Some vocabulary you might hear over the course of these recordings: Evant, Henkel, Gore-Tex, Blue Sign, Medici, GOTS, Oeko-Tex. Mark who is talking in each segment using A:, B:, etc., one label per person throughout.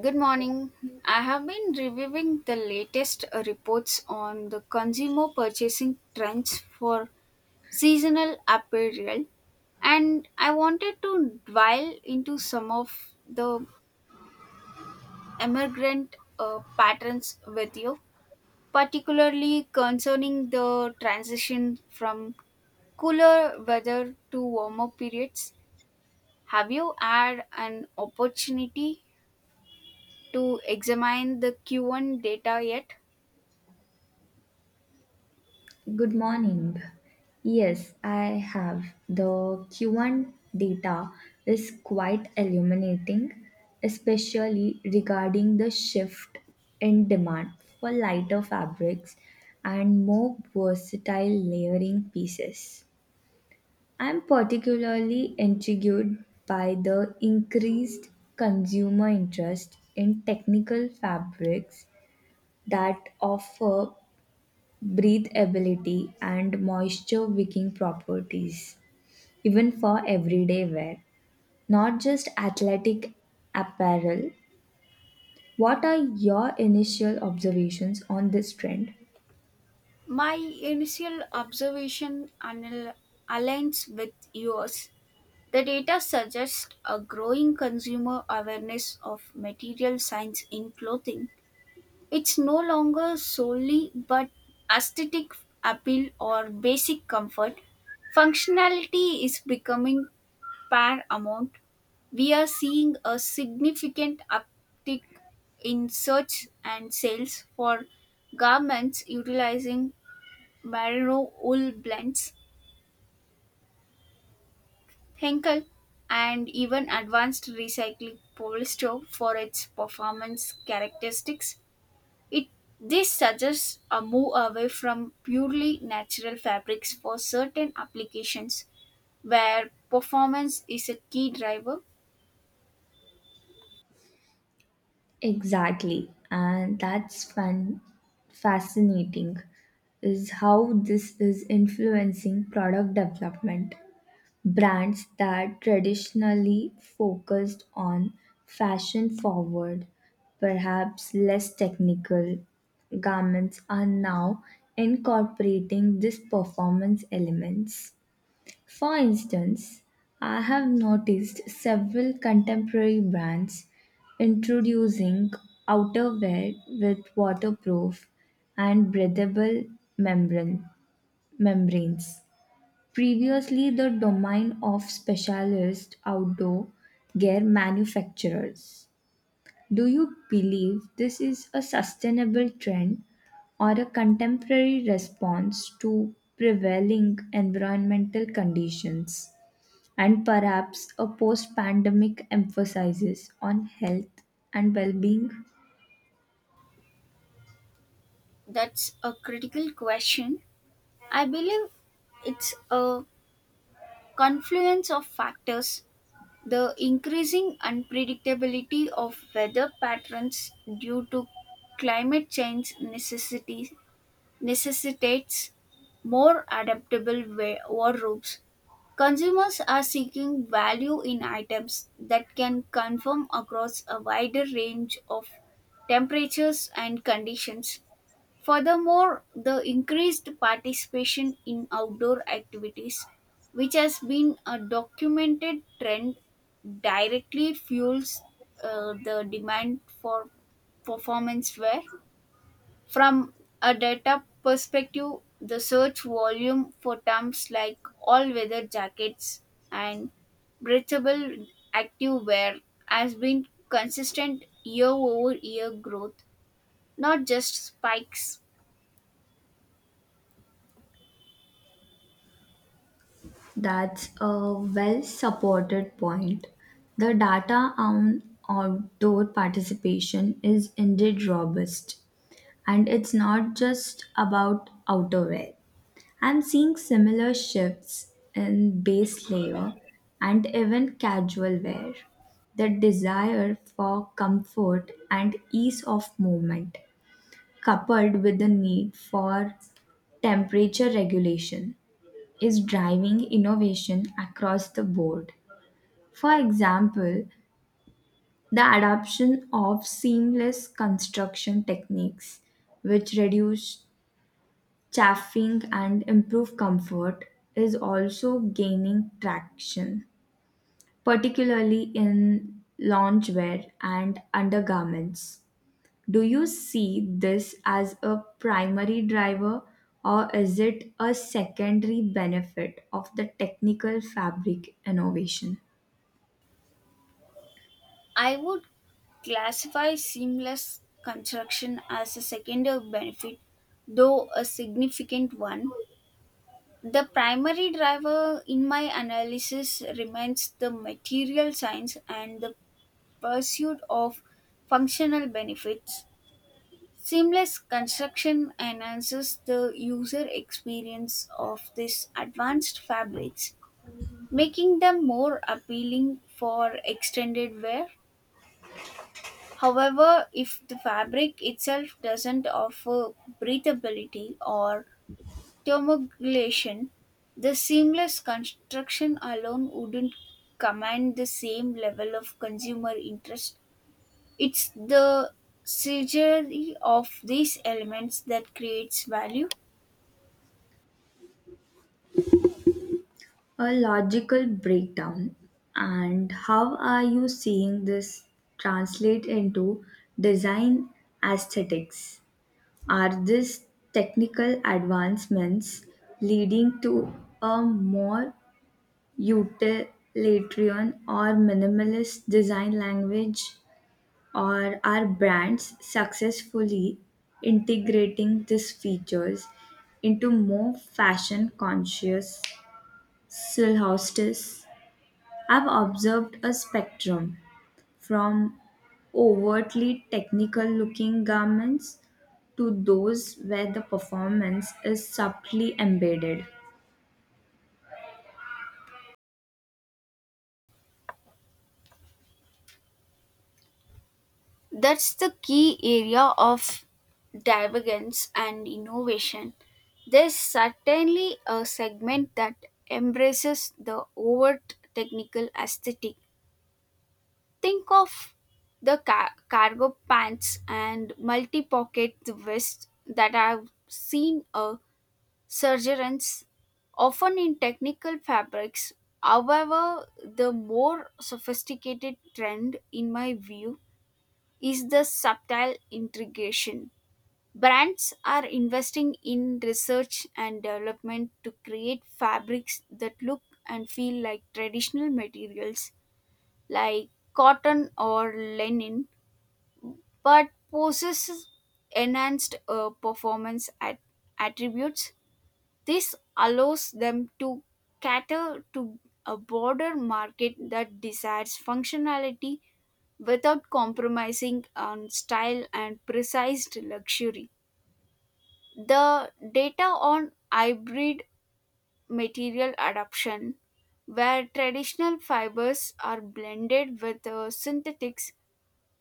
A: Good morning. I have been reviewing the latest reports on the consumer purchasing trends for seasonal apparel, and I wanted to dwell into some of the emergent patterns with you, particularly concerning the transition from cooler weather to warmer periods. Have you had an opportunity to examine the Q1 data yet?
B: Good morning. Yes, I have. The Q1 data is quite illuminating, especially regarding the shift in demand for lighter fabrics and more versatile layering pieces. I'm particularly intrigued by the increased consumer interest in technical fabrics that offer breathability, and moisture wicking properties, even for everyday wear, not just athletic apparel. What are your initial observations on this trend?
A: My initial observation aligns with yours. The data suggests a growing consumer awareness of material science in clothing. It's no longer solely but aesthetic appeal or basic comfort. Functionality is becoming paramount. We are seeing a significant uptick in search and sales for garments utilizing merino wool blends, Henkel, and even advanced recycling polyester for its performance characteristics. It This suggests a move away from purely natural fabrics for certain applications where performance is a key driver.
B: Exactly, and that's fun, fascinating, is how this is influencing product development. Brands that traditionally focused on fashion forward, perhaps less technical garments are now incorporating these performance elements. For instance, I have noticed several contemporary brands introducing outerwear with waterproof and breathable membrane, membranes previously the domain of specialist outdoor gear manufacturers. Do you believe this is a sustainable trend or a contemporary response to prevailing environmental conditions and perhaps a post pandemic emphasis on health and well being?
A: That's a critical question. I believe it's a confluence of factors. The increasing unpredictability of weather patterns due to climate change necessitates more adaptable wardrobes. Consumers are seeking value in items that can conform across a wider range of temperatures and conditions. Furthermore, the increased participation in outdoor activities, which has been a documented trend, directly fuels the demand for performance wear. From a data perspective, the search volume for terms like all weather jackets and breathable active wear has been consistent year over year growth, not just spikes.
B: That's a well supported point. The data on outdoor participation is indeed robust, and it's not just about outerwear. I'm seeing similar shifts in base layer and even casual wear. The desire for comfort and ease of movement, coupled with the need for temperature regulation is driving innovation across the board. For example, the adoption of seamless construction techniques, which reduce chafing and improve comfort, is also gaining traction, particularly in loungewear and undergarments. Do you see this as a primary driver or is it a secondary benefit of the technical fabric innovation?
A: I would classify seamless construction as a secondary benefit, though a significant one. The primary driver in my analysis remains the material science and the pursuit of functional benefits. Seamless construction enhances the user experience of these advanced fabrics, making them more appealing for extended wear. However, if the fabric itself doesn't offer breathability or thermoregulation, the seamless construction alone wouldn't command the same level of consumer interest. It's the synergy of these elements that creates value.
B: A logical breakdown, and how are you seeing this translate into design aesthetics? Are these technical advancements leading to a more utilitarian or minimalist design language? Or are brands successfully integrating these features into more fashion conscious silhouettes? I've observed a spectrum from overtly technical looking garments to those where the performance is subtly embedded.
A: That's the key area of divergence and innovation. There's certainly a segment that embraces the overt technical aesthetic. Think of the cargo pants and multi pocket vests that I've seen a surgeons, often in technical fabrics. However, the more sophisticated trend, in my view, is the subtle integration. Brands are investing in research and development to create fabrics that look and feel like traditional materials like cotton or linen, but possess enhanced performance attributes. This allows them to cater to a broader market that desires functionality without compromising on style and precise luxury. The data on hybrid material adoption, where traditional fibers are blended with synthetics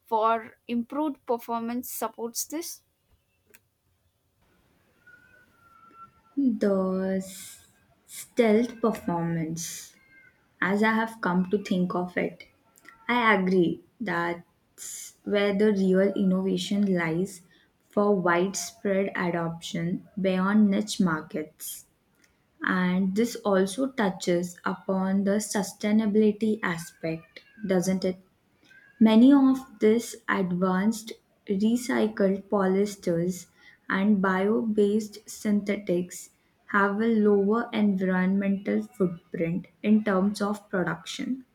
A: for improved performance, supports this.
B: The stealth performance. As I have come to think of it, I agree that's where the real innovation lies for widespread adoption beyond niche markets. And this also touches upon the sustainability aspect, doesn't it? Many of these advanced recycled polyesters and bio-based synthetics have a lower environmental footprint in terms of production.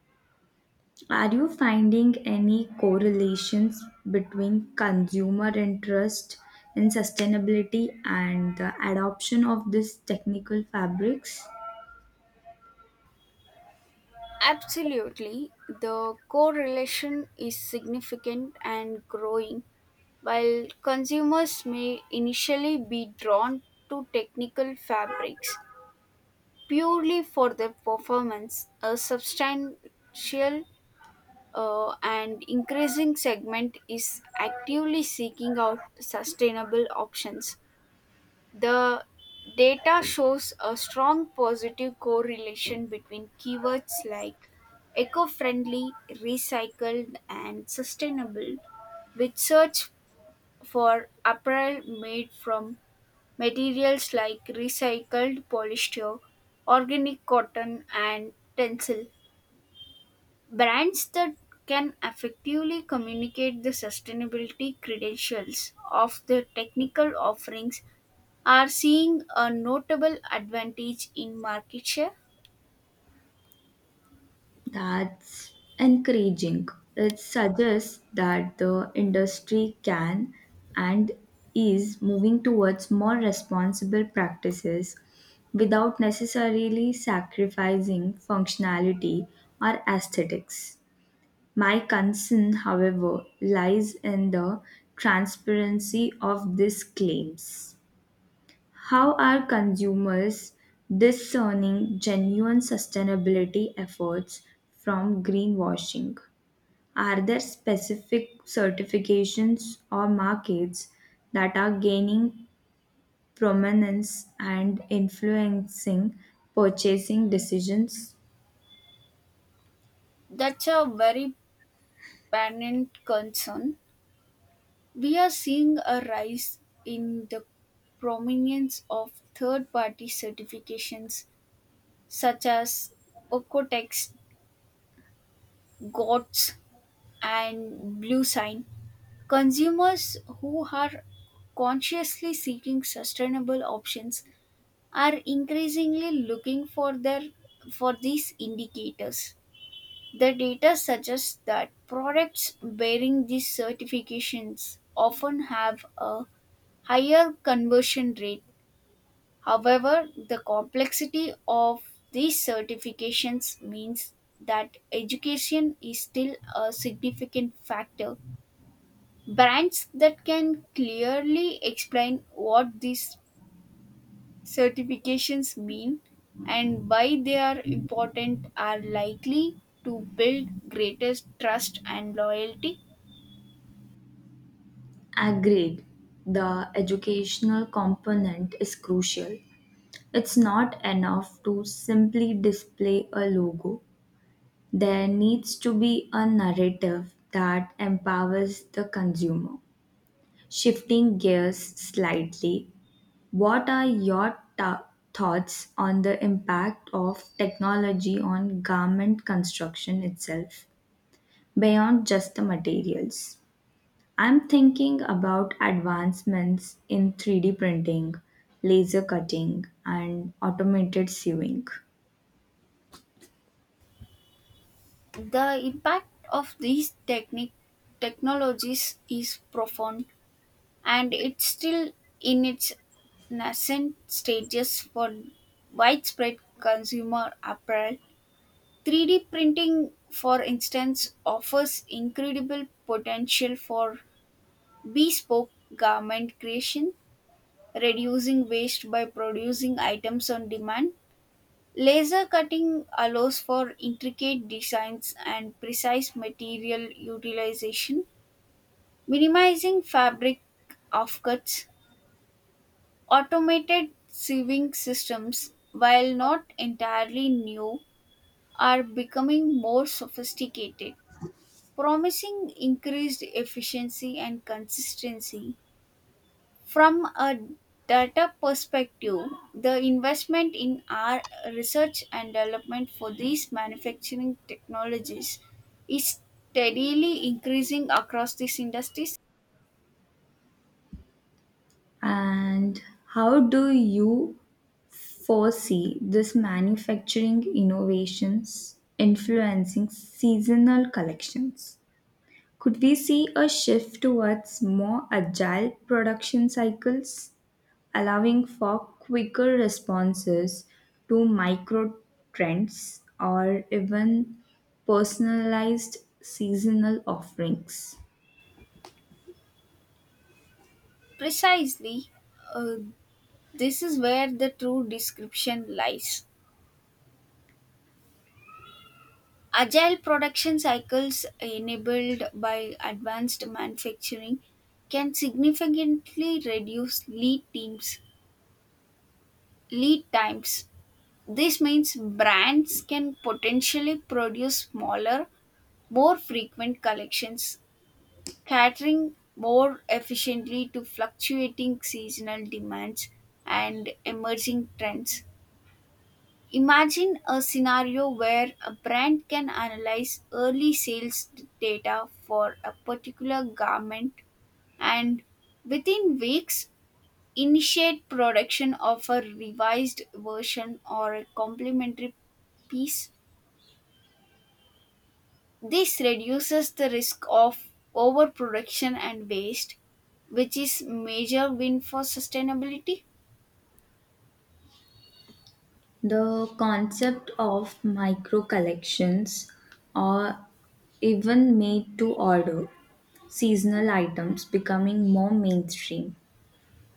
B: Are you finding any correlations between consumer interest in sustainability and the adoption of these technical fabrics?
A: Absolutely, the correlation is significant and growing. While consumers may initially be drawn to technical fabrics purely for their performance, a substantial and increasing segment is actively seeking out sustainable options. The data shows a strong positive correlation between keywords like eco friendly, recycled, and sustainable with search for apparel made from materials like recycled polyester, organic cotton, and tencel. Brands that can effectively communicate the sustainability credentials of their technical offerings are seeing a notable advantage in market share.
B: That's encouraging. It suggests that the industry can and is moving towards more responsible practices without necessarily sacrificing functionality or aesthetics. My concern, however, lies in the transparency of these claims. How are consumers discerning genuine sustainability efforts from greenwashing? Are there specific certifications or markets that are gaining prominence and influencing purchasing decisions?
A: That's a very pertinent concern. We are seeing a rise in the prominence of third party certifications such as Okotex, GOTS, and Blue Sign. Consumers who are consciously seeking sustainable options are increasingly looking for their for these indicators. The data suggests that products bearing these certifications often have a higher conversion rate. However, the complexity of these certifications means that education is still a significant factor. Brands that can clearly explain what these certifications mean and why they are important are likely to build greater trust and loyalty.
B: Agreed. The educational component is crucial. It's not enough to simply display a logo. There needs to be a narrative that empowers the consumer. Shifting gears slightly, what are your thoughts on the impact of technology on garment construction itself, beyond just the materials? I'm thinking about advancements in 3D printing, laser cutting, and automated sewing.
A: The impact of these technique technologies is profound, and it's still in its nascent stages for widespread consumer apparel. 3D printing, for instance, offers incredible potential for bespoke garment creation, reducing waste by producing items on demand. Laser cutting allows for intricate designs and precise material utilization, minimizing fabric offcuts. Automated sieving systems, while not entirely new, are becoming more sophisticated, promising increased efficiency and consistency. From a data perspective, the investment in our research and development for these manufacturing technologies is steadily increasing across these industries.
B: And how do you foresee this manufacturing innovations influencing seasonal collections? Could we see a shift towards more agile production cycles, allowing for quicker responses to micro trends or even personalized seasonal offerings?
A: Precisely, uh, this is where the true description lies. Agile production cycles enabled by advanced manufacturing can significantly reduce lead times. This means brands can potentially produce smaller, more frequent collections, catering more efficiently to fluctuating seasonal demands and emerging trends. Imagine a scenario where a brand can analyze early sales data for a particular garment and within weeks initiate production of a revised version or a complementary piece. This reduces the risk of overproduction and waste, which is major win for sustainability.
B: The concept of micro collections or even made to order seasonal items becoming more mainstream.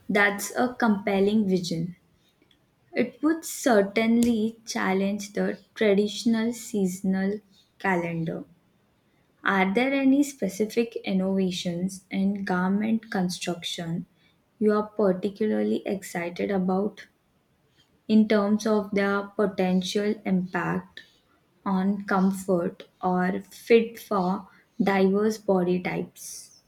B: That's a compelling vision. It would certainly challenge the traditional seasonal calendar. Are there any specific innovations in garment construction you are particularly excited about in terms of their potential impact on comfort or fit for diverse body types?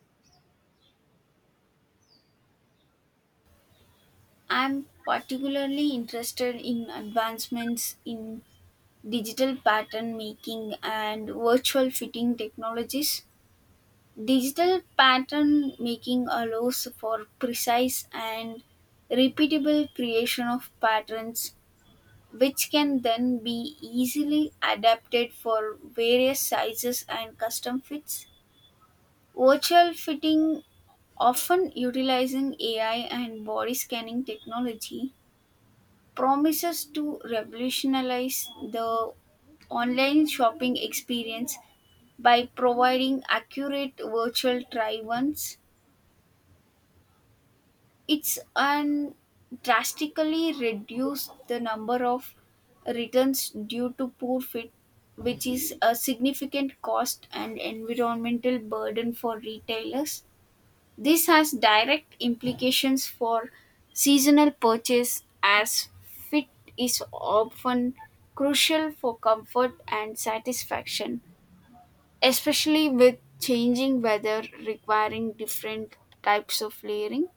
A: I'm particularly interested in advancements in digital pattern making and virtual fitting technologies. Digital pattern making allows for precise and repeatable creation of patterns, which can then be easily adapted for various sizes and custom fits. Virtual fitting, often utilizing AI and body scanning technology, promises to revolutionize the online shopping experience by providing accurate virtual try ons. It's an drastically reduced the number of returns due to poor fit, which is a significant cost and environmental burden for retailers. This has direct implications for seasonal purchase, as fit is often crucial for comfort and satisfaction, especially with changing weather requiring different types of layering.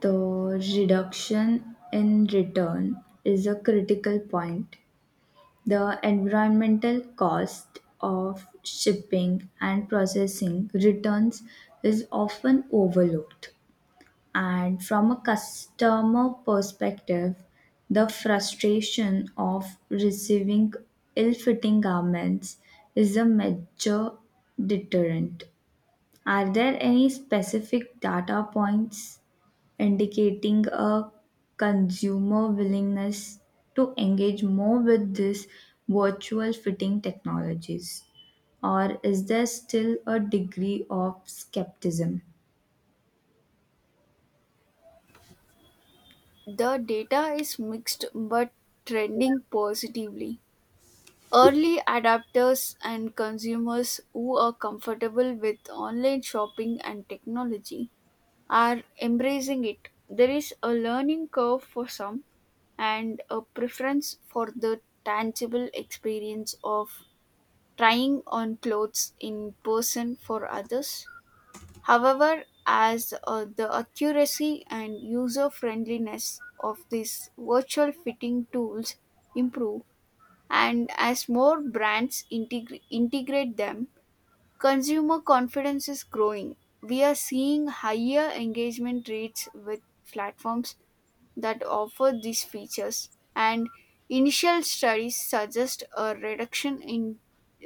B: The reduction in return is a critical point. The environmental cost of shipping and processing returns is often overlooked. And from a customer perspective, the frustration of receiving ill fitting garments is a major deterrent. Are there any specific data points indicating a consumer willingness to engage more with these virtual fitting technologies? Or is there still a degree of skepticism?
A: The data is mixed but trending positively. Early adapters and consumers who are comfortable with online shopping and technology are embracing it. There is a learning curve for some, and a preference for the tangible experience of trying on clothes in person for others. However, as the accuracy and user friendliness of these virtual fitting tools improve, and as more brands integrate them, consumer confidence is growing. We are seeing higher engagement rates with platforms that offer these features, and initial studies suggest a reduction in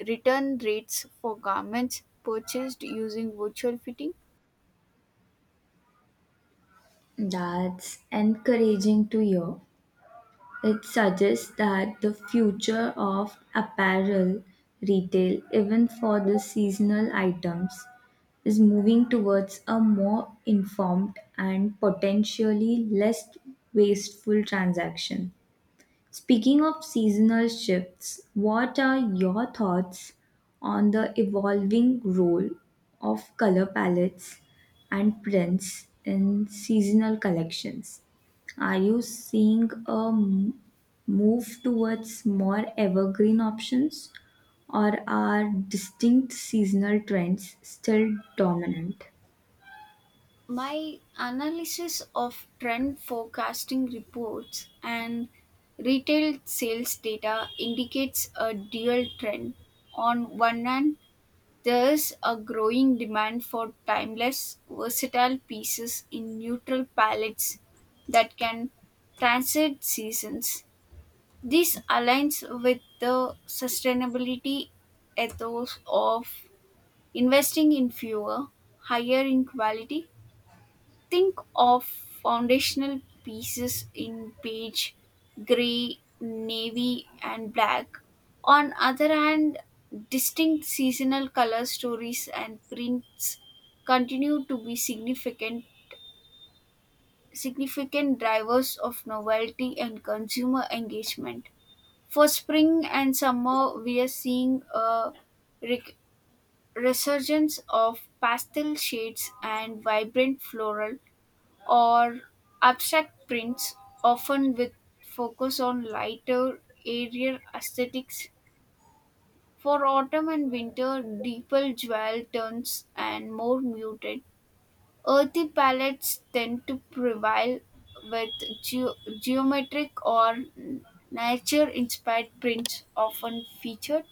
A: return rates for garments purchased using virtual fitting.
B: That's encouraging to hear. It suggests that the future of apparel retail, even for the seasonal items, is moving towards a more informed and potentially less wasteful transaction. Speaking of seasonal shifts, what are your thoughts on the evolving role of color palettes and prints in seasonal collections? Are you seeing a move towards more evergreen options, or are distinct seasonal trends still dominant?
A: My analysis of trend forecasting reports and retail sales data indicates a dual trend. On one hand, there is a growing demand for timeless, versatile pieces in neutral palettes that can transcend seasons. This aligns with the sustainability ethos of investing in fewer, higher in quality. Think of foundational pieces in beige, gray, navy, and black. On other hand, distinct seasonal color stories and prints continue to be significant drivers of novelty and consumer engagement. For spring and summer, we are seeing a rec- resurgence of pastel shades and vibrant floral or abstract prints, often with focus on lighter, airier aesthetics. For autumn and winter, deeper jewel tones and more muted, earthy palettes tend to prevail, with geometric or nature inspired prints often featured.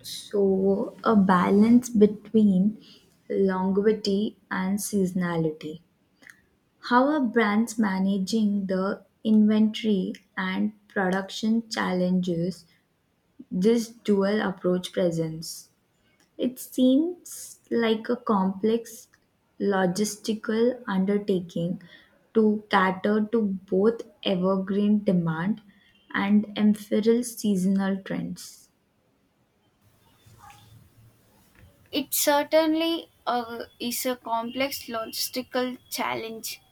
B: So, a balance between longevity and seasonality. How are brands managing the inventory and production challenges this dual approach presents? It seems like a complex logistical undertaking to cater to both evergreen demand and ephemeral seasonal trends.
A: It certainly is a complex logistical challenge,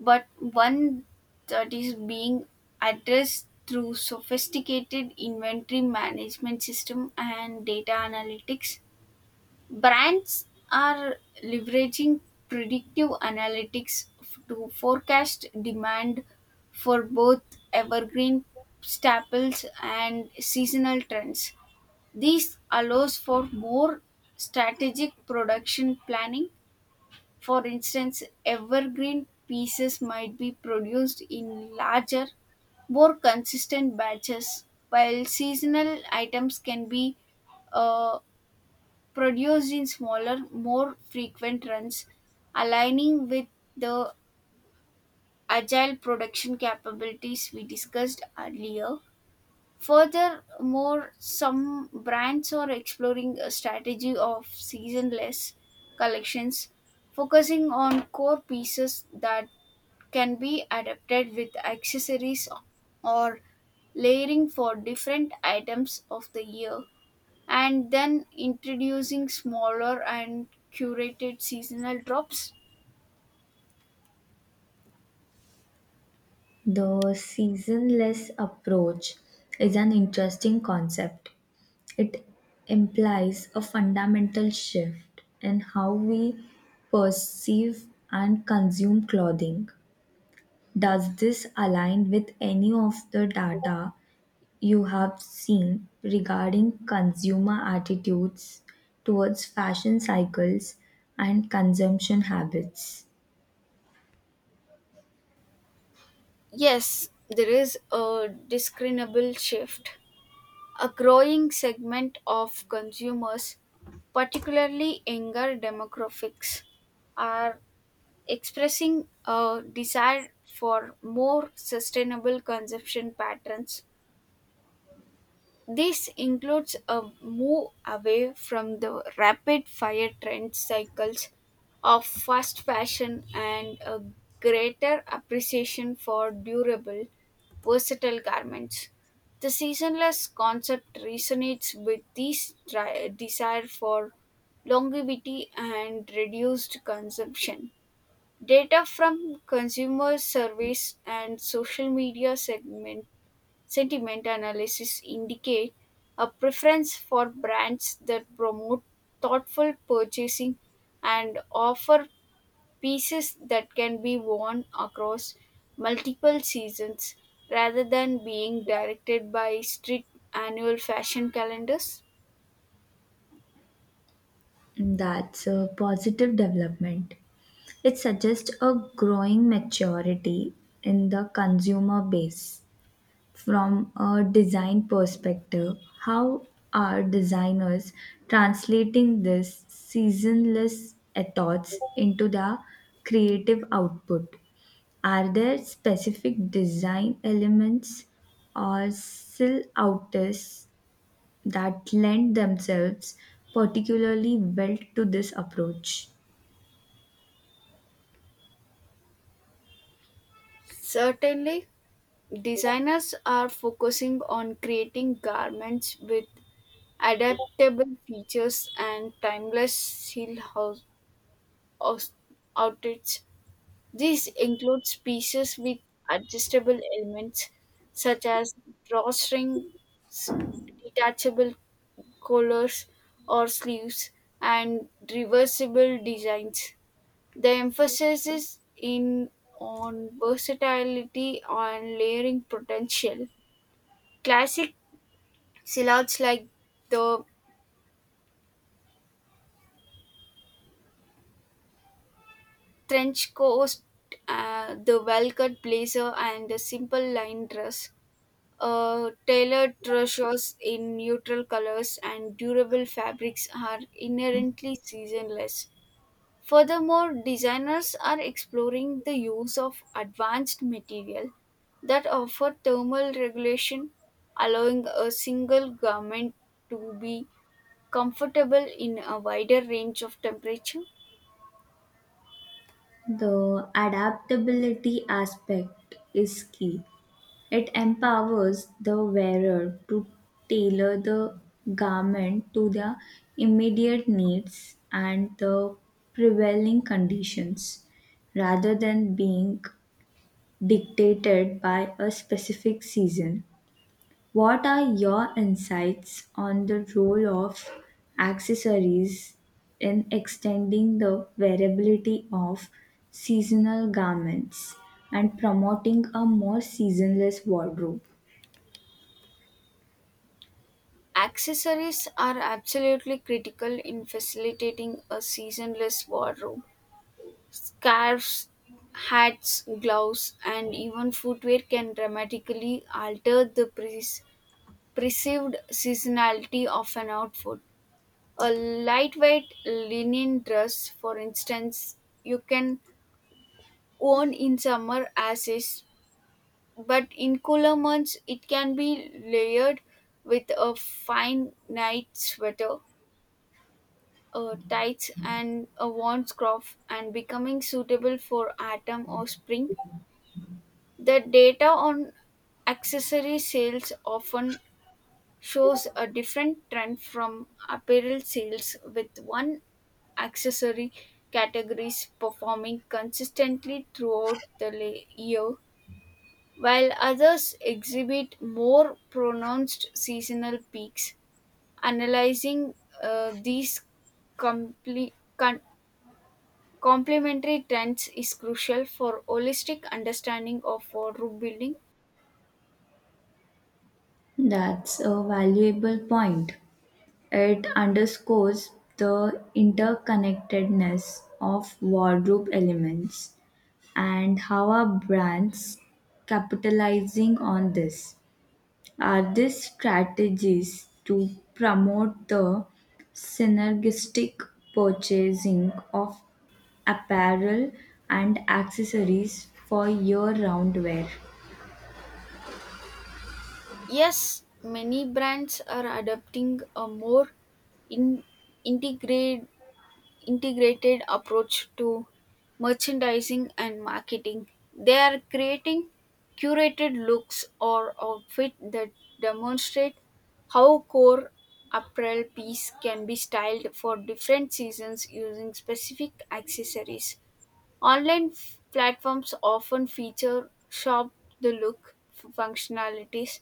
A: but one that is being addressed through sophisticated inventory management system and data analytics. Brands are leveraging predictive analytics to forecast demand for both evergreen staples and seasonal trends. This allows for more strategic production planning. For instance, evergreen pieces might be produced in larger, more consistent batches, while seasonal items can be uh, produced in smaller, more frequent runs, aligning with the agile production capabilities we discussed earlier. Furthermore, some brands are exploring a strategy of seasonless collections, focusing on core pieces that can be adapted with accessories or layering for different items of the year, and then introducing smaller and curated seasonal drops.
B: The seasonless approach is an interesting concept. It implies a fundamental shift in how we perceive and consume clothing. Does this align with any of the data you have seen regarding consumer attitudes towards fashion cycles and consumption habits?
A: Yes, there is a discernible shift. A growing segment of consumers, particularly younger demographics, are expressing a desire for more sustainable consumption patterns. This includes a move away from the rapid fire trend cycles of fast fashion, and a greater appreciation for durable, versatile garments. The seasonless concept resonates with this desire for longevity and reduced consumption. Data from consumer surveys and social media segment sentiment analysis indicate a preference for brands that promote thoughtful purchasing and offer pieces that can be worn across multiple seasons rather than being directed by strict annual fashion calendars.
B: That's a positive development. It suggests a growing maturity in the consumer base. From a design perspective, how are designers translating this seasonless ethos into their creative output? Are there specific design elements or still artists that lend themselves particularly well to this approach?
A: Certainly, designers are focusing on creating garments with adaptable features and timeless seal house house outfits. These include pieces with adjustable elements such as drawstrings, detachable collars or sleeves, and reversible designs. The emphasis is in on versatility and layering potential. Classic silhouettes like the trench coat, the well cut blazer, and the simple line dress. Tailored trousseaux in neutral colors and durable fabrics are inherently seasonless. Furthermore, designers are exploring the use of advanced material that offer thermal regulation, allowing a single garment to be comfortable in a wider range of temperature.
B: The adaptability aspect is key. It empowers the wearer to tailor the garment to their immediate needs and the prevailing conditions rather than being dictated by a specific season. What are your insights on the role of accessories in extending the wearability of seasonal garments and promoting a more seasonless wardrobe?
A: Accessories are absolutely critical in facilitating a seasonless wardrobe. Scarves, hats, gloves, and even footwear can dramatically alter the perceived seasonality of an outfit. A lightweight linen dress, for instance, you can worn in summer as is, but in cooler months it can be layered with a fine night sweater, a tights, and a warm scarf, and becoming suitable for autumn or spring. The data on accessory sales often shows a different trend from apparel sales, with one accessory categories performing consistently throughout the year, while others exhibit more pronounced seasonal peaks. Analyzing these comple- con- complementary trends is crucial for holistic understanding of wardrobe building.
B: That's a valuable point. It underscores the interconnectedness of wardrobe elements and how are brands capitalizing on this. Are these strategies to promote the synergistic purchasing of apparel and accessories for year round wear?
A: Yes, many brands are adopting a more in, integrate, integrated approach to merchandising and marketing. They are creating curated looks or outfit that demonstrate how core apparel piece can be styled for different seasons using specific accessories. Online platforms often feature "Shop the Look" functionalities,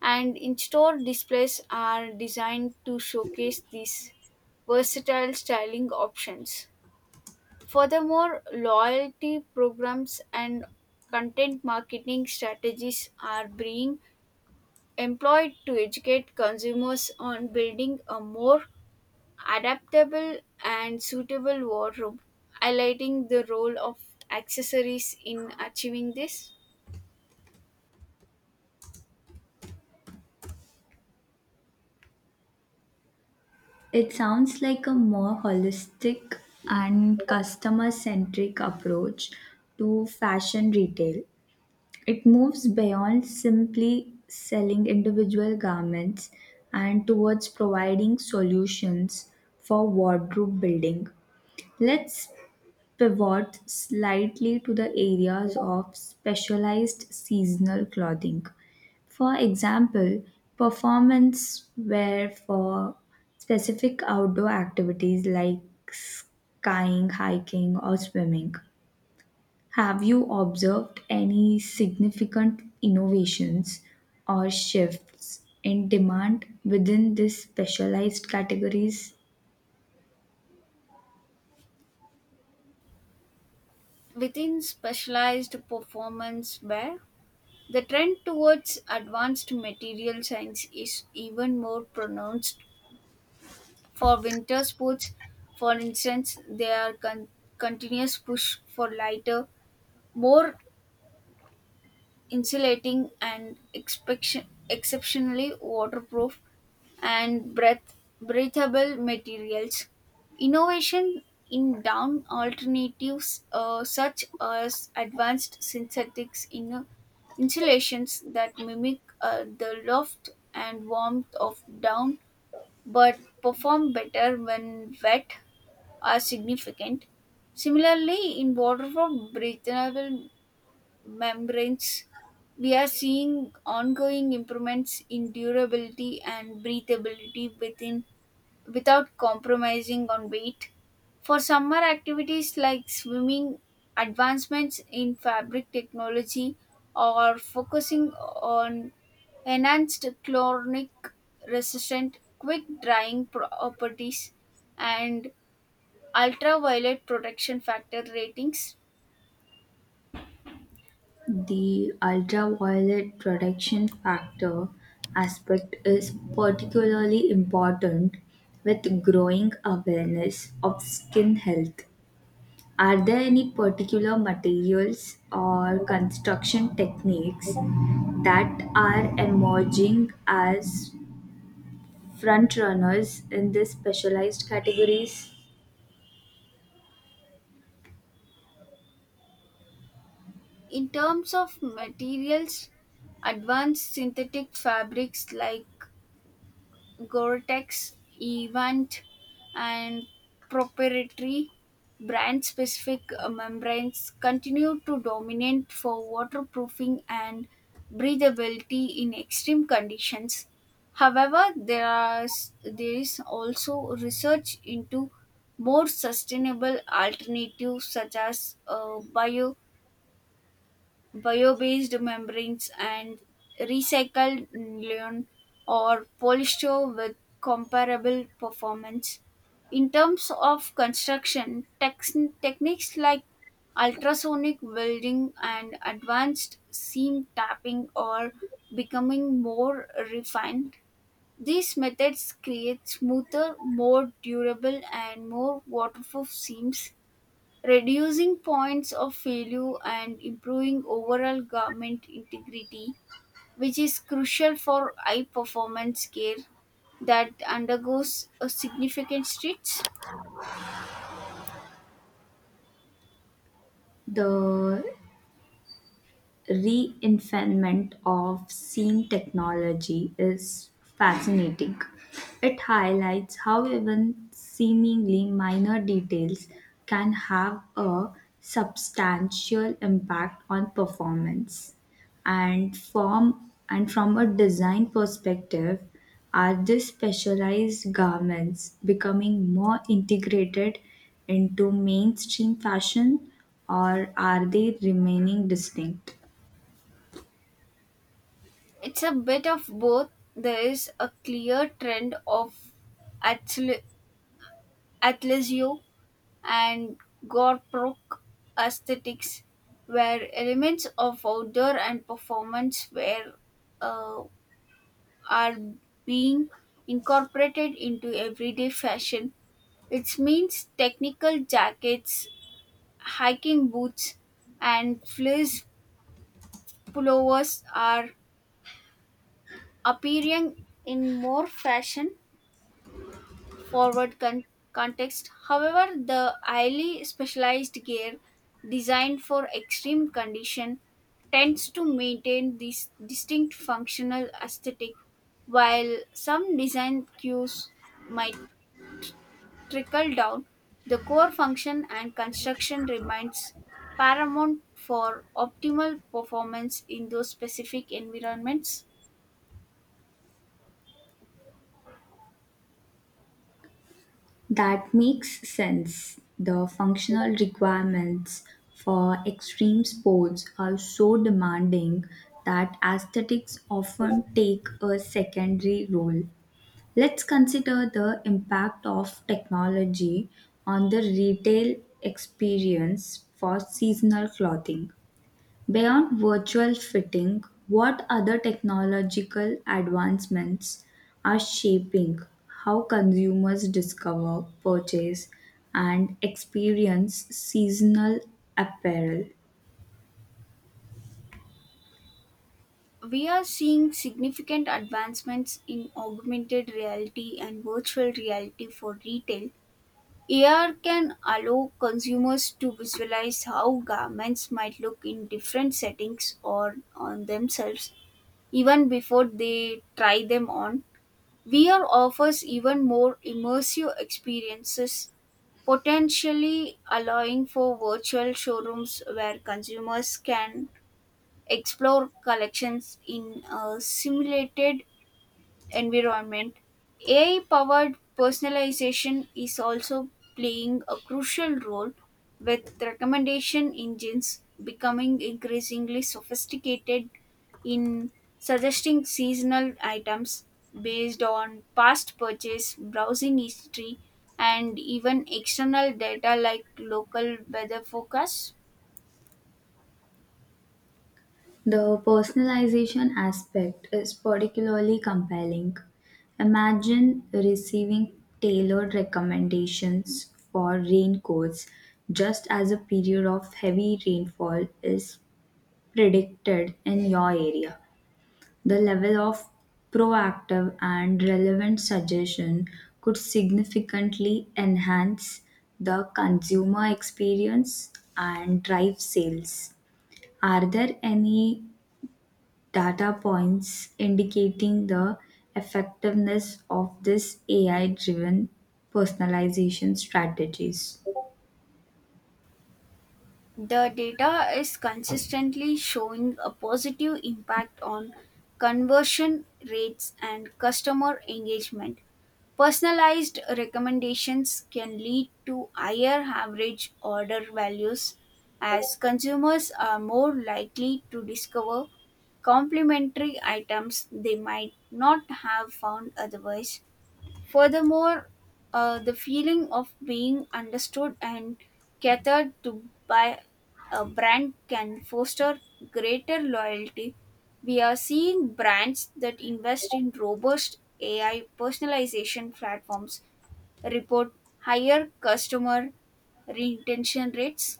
A: and in-store displays are designed to showcase these versatile styling options. Furthermore, loyalty programs and content marketing strategies are being employed to educate consumers on building a more adaptable and suitable wardrobe, highlighting the role of accessories in achieving this.
B: It sounds like a more holistic and customer centric approach to fashion retail. It moves beyond simply selling individual garments and towards providing solutions for wardrobe building. Let's pivot slightly to the areas of specialized seasonal clothing. For example, performance wear for specific outdoor activities like skiing, hiking, or swimming. Have you observed any significant innovations or shifts in demand within these specialized categories?
A: Within specialized performance wear, the trend towards advanced material science is even more pronounced for winter sports. For instance, there are continuous push for lighter, more insulating and exceptionally waterproof and breathable materials. Innovation in down alternatives, such as advanced synthetics in, insulations that mimic, the loft and warmth of down but perform better when wet are significant. Similarly, in waterproof breathable membranes, we are seeing ongoing improvements in durability and breathability within without compromising on weight. For summer activities like swimming, advancements in fabric technology or focusing on enhanced chlorinic resistant quick drying properties and ultraviolet protection factor ratings.
B: The ultraviolet protection factor aspect is particularly important with growing awareness of skin health. Are there any particular materials or construction techniques that are emerging as front runners in these specialized categories?
A: In terms of materials, advanced synthetic fabrics like Gore-Tex, Evant, and proprietary brand-specific, membranes continue to dominate for waterproofing and breathability in extreme conditions. However, there is also research into more sustainable alternatives such as bio-based membranes and recycled nylon or polyester with comparable performance. In terms of construction, techniques like ultrasonic welding and advanced seam tapping are becoming more refined. These methods create smoother, more durable, and more waterproof seams reducing points of failure and improving overall garment integrity, which is crucial for high performance care that undergoes a significant stretch.
B: The reinvention of seam technology is fascinating. It highlights how even seemingly minor details can have a substantial impact on performance. And from a design perspective, are these specialized garments becoming more integrated into mainstream fashion or are they remaining distinct?
A: It's a bit of both. There is a clear trend of athle- athleisure and gore-proc aesthetics, where elements of outdoor and performance wear, uh, are being incorporated into everyday fashion. It means technical jackets, hiking boots, and fleece pullovers are appearing in more fashion forward context. However, the highly specialized gear designed for extreme condition tends to maintain this distinct functional aesthetic. While some design cues might trickle down, the core function and construction remains paramount for optimal performance in those specific environments.
B: That makes sense. The functional requirements for extreme sports are so demanding that aesthetics often take a secondary role. Let's consider the impact of technology on the retail experience for seasonal clothing. Beyond virtual fitting, what other technological advancements are shaping how consumers discover, purchase, and experience seasonal apparel?
A: We are seeing significant advancements in augmented reality and virtual reality for retail. AR can allow consumers to visualize how garments might look in different settings or on themselves even before they try them on. VR offers even more immersive experiences, potentially allowing for virtual showrooms where consumers can explore collections in a simulated environment. AI powered personalization is also playing a crucial role, with recommendation engines becoming increasingly sophisticated in suggesting seasonal items based on past purchase, browsing history, and even external data like local weather forecasts.
B: The personalization aspect is particularly compelling. Imagine receiving tailored recommendations for raincoats just as a period of heavy rainfall is predicted in your area. The level of proactive and relevant suggestion could significantly enhance the consumer experience and drive sales. Are there any data points indicating the effectiveness of this AI driven personalization strategies?
A: The data is consistently showing a positive impact on conversion rates and customer engagement. Personalized recommendations can lead to higher average order values as consumers are more likely to discover complementary items they might not have found otherwise. Furthermore, the feeling of being understood and catered to by a brand can foster greater loyalty. We are seeing brands that invest in robust AI personalization platforms report higher customer retention rates.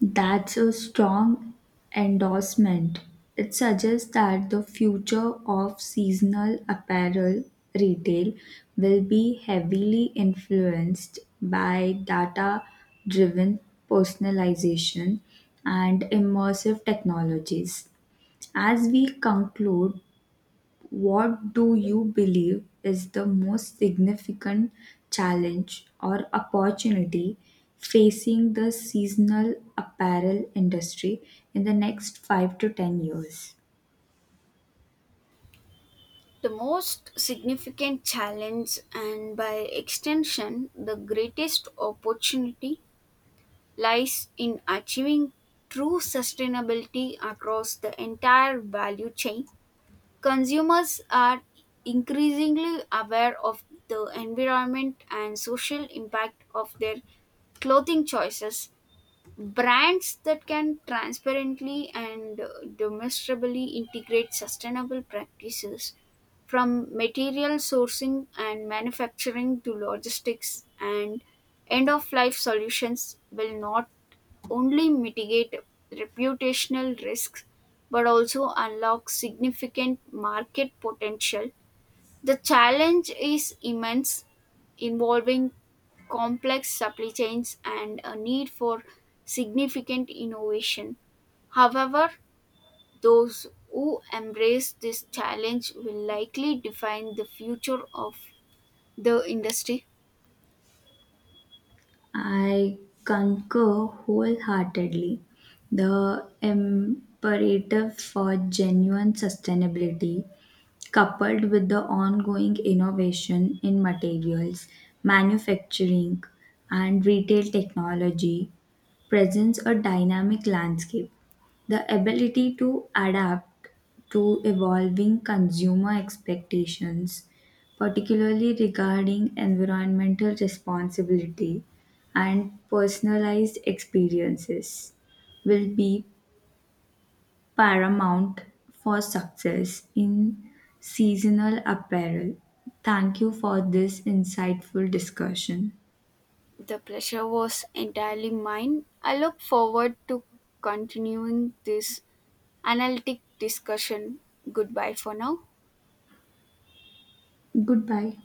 B: That's a strong endorsement. It suggests that the future of seasonal apparel retail will be heavily influenced by data driven personalization and immersive technologies. As we conclude, what do you believe is the most significant challenge or opportunity facing the seasonal apparel industry in the next 5 to 10 years?
A: The most significant challenge, and by extension, the greatest opportunity lies in achieving true sustainability across the entire value chain. Consumers are increasingly aware of the environment and social impact of their clothing choices. Brands that can transparently and, demonstrably integrate sustainable practices from material sourcing and manufacturing to logistics and end of life solutions will not only mitigate reputational risks but also unlock significant market potential. The challenge is immense, involving complex supply chains and a need for significant innovation. However, those who embrace this challenge will likely define the future of the industry.
B: I concur wholeheartedly. The imperative for genuine sustainability coupled with the ongoing innovation in materials, manufacturing, and retail technology, presents a dynamic landscape. The ability to adapt to evolving consumer expectations, particularly regarding environmental responsibility and personalized experiences, will be paramount for success in seasonal apparel. Thank you for this insightful discussion.
A: The pleasure was entirely mine. I look forward to continuing this analytic discussion. Goodbye for now.
B: Goodbye.